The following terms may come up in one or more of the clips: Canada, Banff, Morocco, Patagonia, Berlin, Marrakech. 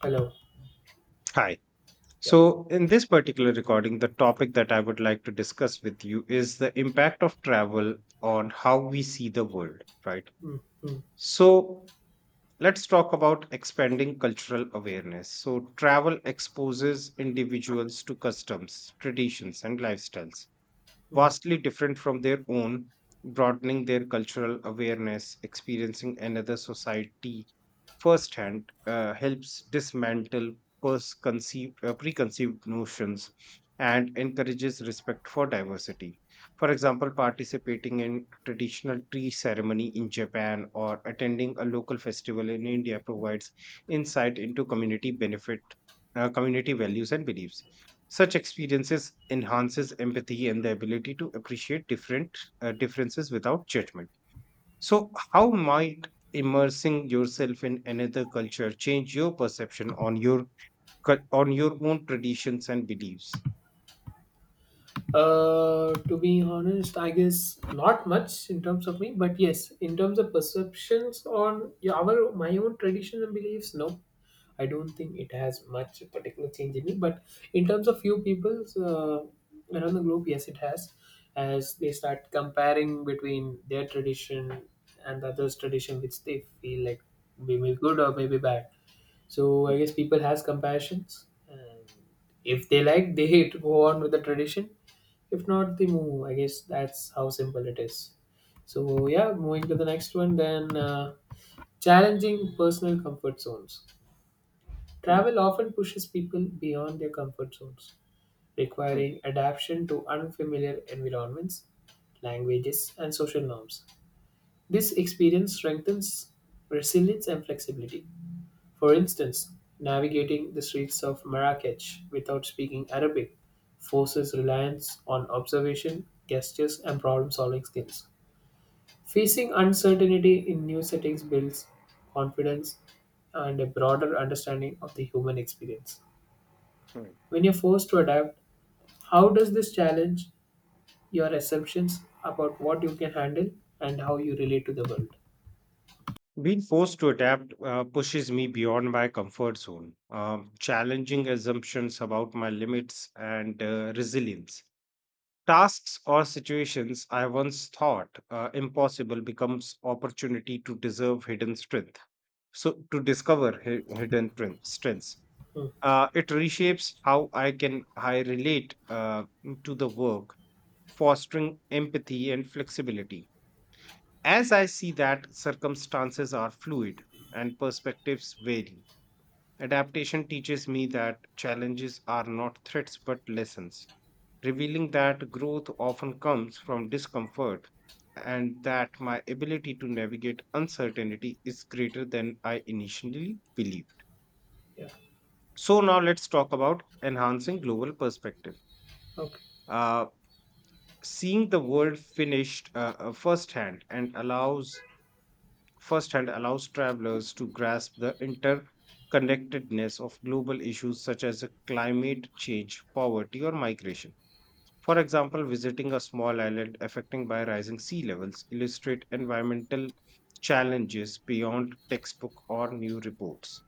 Hello. Hi. Yep. So, in this particular recording, the topic that I would like to discuss with you is the impact of travel on how we see the world, right? Mm, mm, So, let's talk about expanding cultural awareness. So, travel exposes individuals to customs, traditions, and lifestyles mm. vastly different from their own, broadening their cultural awareness, experiencing another society firsthand helps dismantle preconceived notions and encourages respect for diversity. For example, participating in traditional tree ceremony in Japan or attending a local festival in India provides insight into community benefit, community values and beliefs, such experiences enhances empathy and the ability to appreciate different differences without judgment. So, how might immersing yourself in another culture change your perception on your on your own traditions and beliefs? To be honest, I guess not much in terms of me, but yes, in terms of perceptions on yeah, our my own traditions and beliefs, no, I don't think it has much particular change in me. But in terms of few people around the globe, yes, it has, as they start comparing between their tradition and the others' tradition, which they feel like maybe good or maybe bad. So I Mm, guess people has compassions, and if they like, they hate go on with the tradition. If not, they move. I guess that's how simple it is. So yeah, moving to the next one, then challenging personal comfort zones. mm, Travel often pushes people beyond their comfort zones, mm, requiring adaptation to unfamiliar environments, languages, and social norms. This experience strengthens resilience and flexibility. For instance, navigating the streets of Marrakech without speaking Arabic forces reliance on observation, gestures, and problem solving skills. Facing uncertainty in new settings builds confidence and a broader understanding of the human experience. mm. When you're forced to adapt, how does this challenge your assumptions about what you can handle and how you relate to the world? Being forced to adapt pushes me beyond my comfort zone, challenging assumptions about my limits and resilience. Tasks or situations I once thought impossible becomes opportunity to deserve hidden strength, to discover hidden strengths. Hmm, Uh, it reshapes how I can I relate, uh, to the work, fostering empathy and flexibility, as I see that circumstances are fluid and perspectives vary. Adaptation teaches me that challenges are not threats but lessons, revealing that growth often comes from discomfort, and that my ability to navigate uncertainty is greater than I initially believed. yeah, So, now let's talk about enhancing global perspective. okay. Uh, Seeing the world finished firsthand allows travelers to grasp the interconnectedness of global issues such as climate change, poverty, or migration. For example, visiting a small island affected by rising sea levels illustrate environmental challenges beyond textbook or new reports.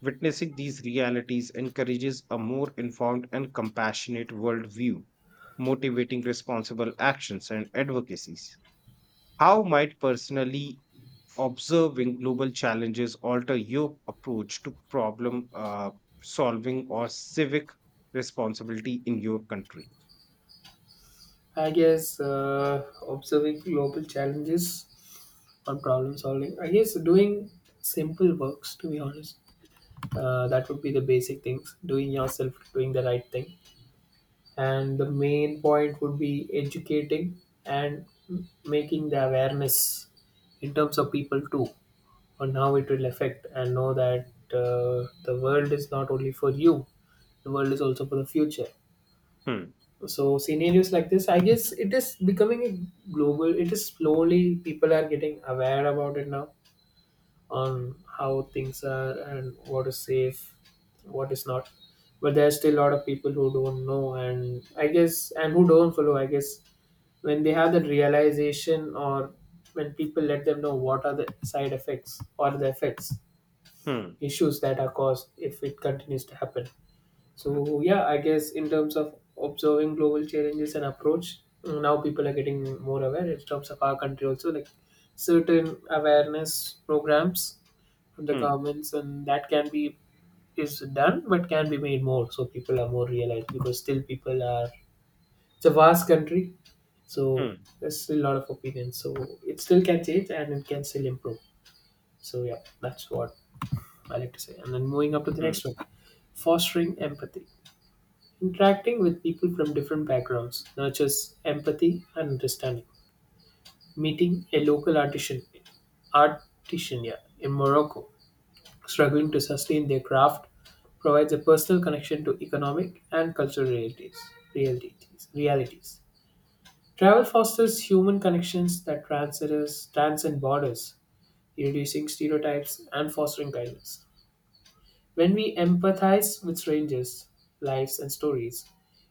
Witnessing these realities encourages a more informed and compassionate worldview, motivating responsible actions and advocacies. How might personally observing global challenges alter your approach to problem solving or civic responsibility in your country? I guess observing global challenges on problem solving. I guess doing simple works, to be honest. That would be the basic things. Doing yourself, doing the right thing. And the main point would be educating and making the awareness in terms of people too on how it will affect and know that the world is not only for you, the world is also for the future. Hmm, So scenarios like this, I guess it is becoming a global, it is slowly people are getting aware about it now on how things are and what is safe, what is not. But there are still a lot of people who don't know, and I guess and who don't follow, I guess when they have that realization, or when people let them know what are the side effects or the effects, hmm, issues that are caused if it continues to happen. So yeah, I guess in terms of observing global challenges and approach, mm, now people are getting more aware in terms of our country also, like certain awareness programs from the hmm. governments, and that can be is done but can be made more so people are more realized, because still people are, it's a vast country, so Mm, there's still a lot of opinions, so it still can change and it can still improve. So yeah, that's what I like to say. And then moving up to the mm, next one, fostering empathy. Interacting with people from different backgrounds nurtures empathy and understanding. Meeting a mm. local artisan yeah, in Morocco, struggling to sustain their craft, provides a personal connection to economic and cultural realities. Realities. Travel fosters human connections that transcend borders, reducing stereotypes and fostering kindness. When we empathize with strangers' lives and stories,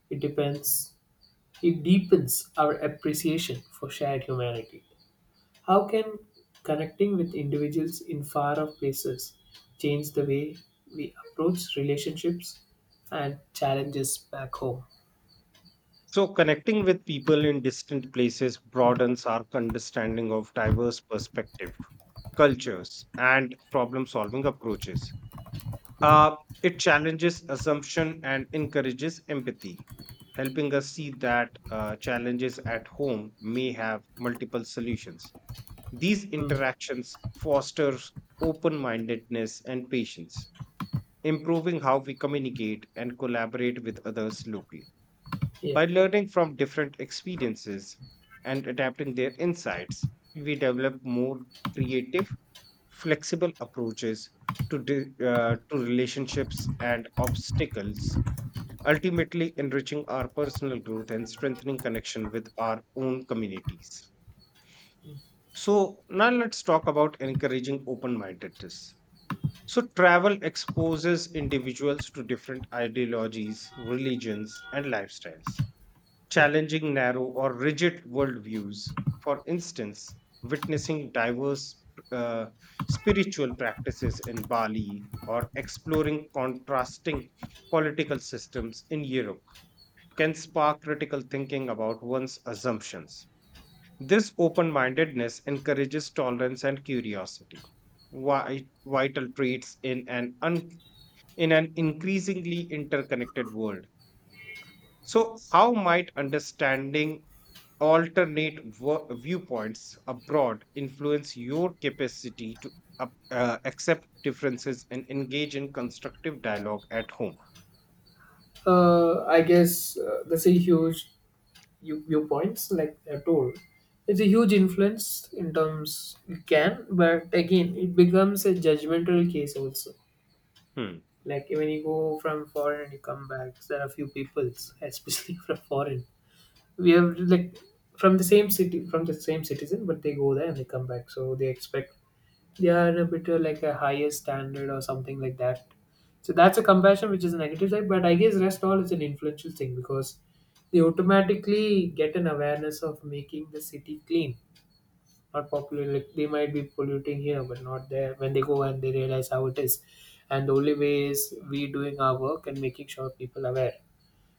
it depends It deepens our appreciation for shared humanity. How can connecting with individuals in far off places change the way we approach relationships and challenges back home? So, connecting with people in distant places broadens our understanding of diverse perspectives, cultures, and problem solving approaches. Mm, Uh, it challenges assumption and encourages empathy, helping us see that challenges at home may have multiple solutions. These mm, interactions foster open mindedness and patience, improving how we communicate and collaborate with others locally. yeah. By learning from different experiences and adapting their insights, we develop more creative, flexible approaches to relationships and obstacles, ultimately enriching our personal growth and strengthening connection with our own communities. So, now let's talk about encouraging open mindedness. So, travel exposes individuals to different ideologies, religions, and lifestyles, challenging narrow or rigid worldviews. For instance, witnessing diverse uh, spiritual practices in Bali or exploring contrasting political systems in Europe can spark critical thinking about one's assumptions. This open mindedness encourages tolerance and curiosity, vital traits in an increasingly interconnected world. So, how might understanding alternate viewpoints abroad influence your capacity to accept differences and engage in constructive dialogue at home? I guess that's a huge viewpoints like I told. It's a huge influence in terms it can, but again, it becomes a judgmental case also. Hmm. Like when you go from foreign and you come back, there are a few peoples, especially from foreign. We have like from the same city, from the same citizen, but they go there and they come back, so they expect they are a bit like a higher standard or something like that. So that's a comparison which is a negative side, but I guess rest all is an influential thing because they automatically get an awareness of making the city clean, not popular, like they might be polluting here but not there, when they go and they realize how it is. And the only way is we doing our work and making sure people are aware,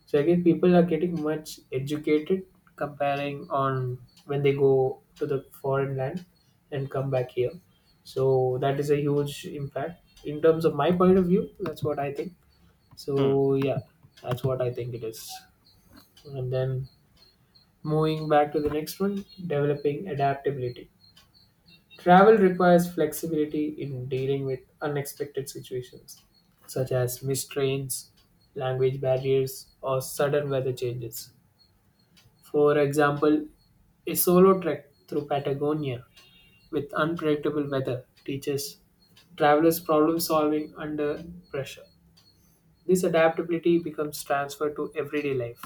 so again people are getting much educated, comparing on when they go to the foreign land and come back here. So that is a huge impact in terms of my point of view, that's what I think. So Hmm. yeah, that's what I think it is. And then moving back to the next one, developing adaptability. Travel requires flexibility in dealing with unexpected situations, such as missed trains, language barriers, or sudden weather changes. For example, a solo trek through Patagonia with unpredictable weather teaches travelers problem solving under pressure. This adaptability becomes transferred to everyday life,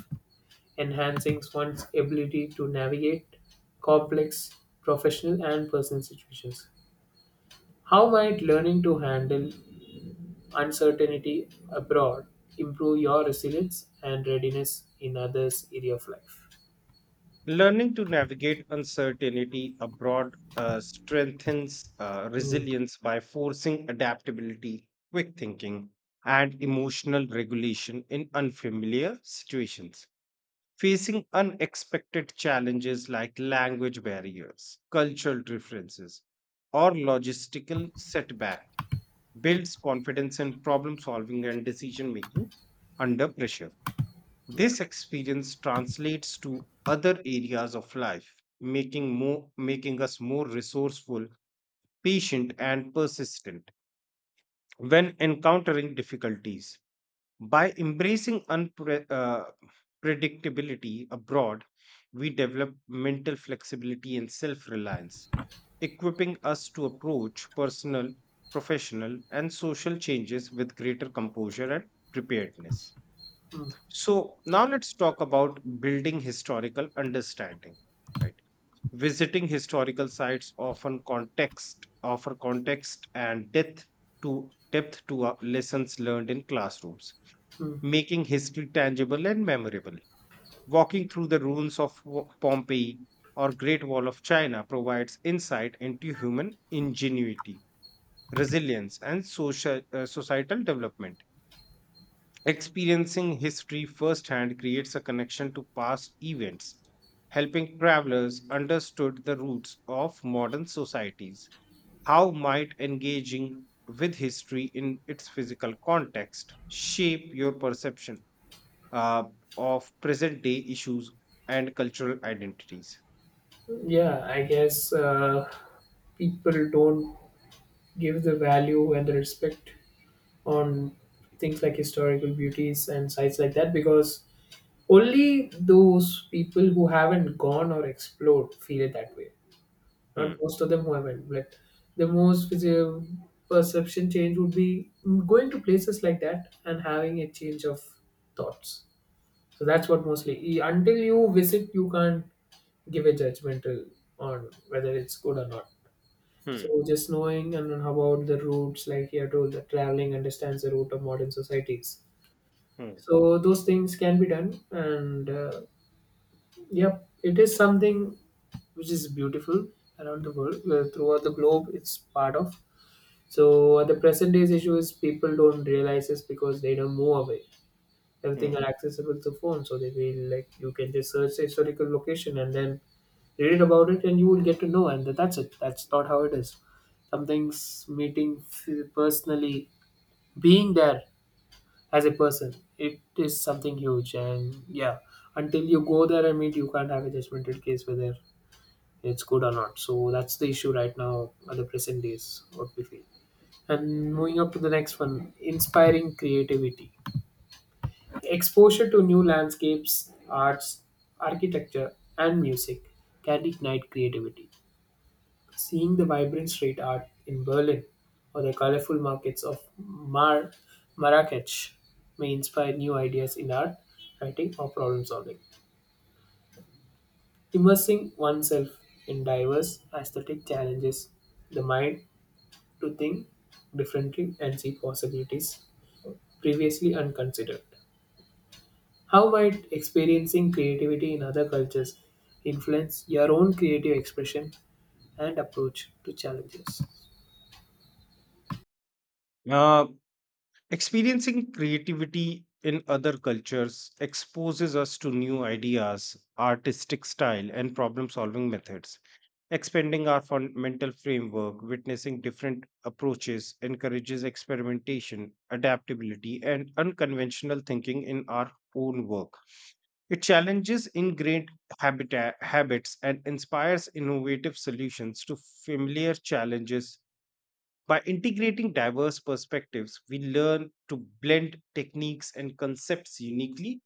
enhancing one's ability to navigate complex professional and personal situations. How might learning to handle uncertainty abroad improve your resilience and readiness in others' area of life? Learning to navigate uncertainty abroad strengthens Mm, resilience by forcing adaptability, quick thinking, and emotional regulation in unfamiliar situations. Facing unexpected challenges like language barriers, cultural differences, or logistical setback builds confidence in problem solving and decision making under pressure. yeah. This experience translates to other areas of life, making us more resourceful, patient, and persistent when encountering difficulties. By embracing unpredictability abroad, we develop mental flexibility and self reliance, equipping us to approach personal, professional, and social changes with greater composure and preparedness. So, now let's talk about building historical understanding, right? Visiting historical sites often context offer context and depth to lessons learned in classrooms, Mm. making history tangible and memorable. Walking through the ruins of Pompeii or Great Wall of China provides insight into human ingenuity, resilience, and social societal development. Experiencing history firsthand creates a connection to past events, helping travelers understood the roots of modern societies. How might engaging with history in its physical context shape your perception uh, of present day issues and cultural identities? Yeah, I guess people don't give the value and the respect on things like historical beauties and sites like that, because only those people who haven't gone or explored feel it that way. Not Hmm, most of them who haven't, but the most perception change would be going to places like that and having a change of thoughts. So that's what mostly. Until you visit, you can't give a judgmental on whether it's good or not. hmm, So just knowing, and then how about the routes, like here told, that traveling understands the route of modern societies. hmm, So those things can be done, and yep, it is something which is beautiful around the world, throughout the globe. It's part of. So the present day's issue is people don't realize this because they don't move away. Everything hmm. are accessible through phone, so they will like you can just search the historical location and then read about it, and you will get to know. And that's it. That's not how it is. Something's meeting personally, being there as a person, it is something huge. And yeah, until you go there and meet, you can't have a judgmental case with there it's good or not. So that's the issue right now at the present days, what we feel. And moving up to the next one, inspiring creativity. Exposure to new landscapes, arts, architecture, and music can ignite creativity. Seeing the vibrant street art in Berlin or the colorful markets of Marrakech may inspire new ideas in art, writing, or problem solving. Immersing oneself in diverse aesthetic challenges the mind to think differently and see possibilities previously unconsidered. How might experiencing creativity in other cultures influence your own creative expression and approach to challenges? Uh, Experiencing creativity in other cultures exposes us to new ideas, artistic style, and problem solving methods. Expanding our mental framework, witnessing different approaches encourages experimentation, adaptability, and unconventional thinking in our own work. It challenges ingrained habits and inspires innovative solutions to familiar challenges. By integrating diverse perspectives, we learn to blend techniques and concepts uniquely,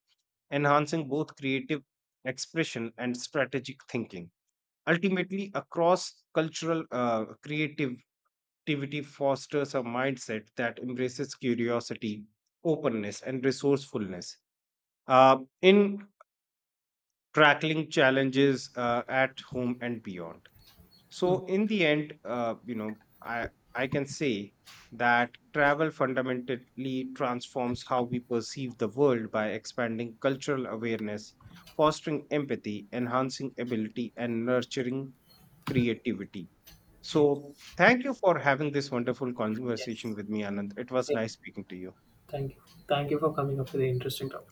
enhancing both creative expression and strategic thinking. Ultimately, a cross cultural creativity fosters a mindset that embraces curiosity, openness, and resourcefulness in tackling challenges at home and beyond. So, in the end, I can say that travel fundamentally transforms how we perceive the world by expanding cultural awareness, fostering empathy, enhancing ability, and nurturing creativity. So Yes. thank you for having this wonderful Yes. conversation with me, Anand. It was Same. nice speaking to you. Thank you. Thank you for coming up with an interesting topic.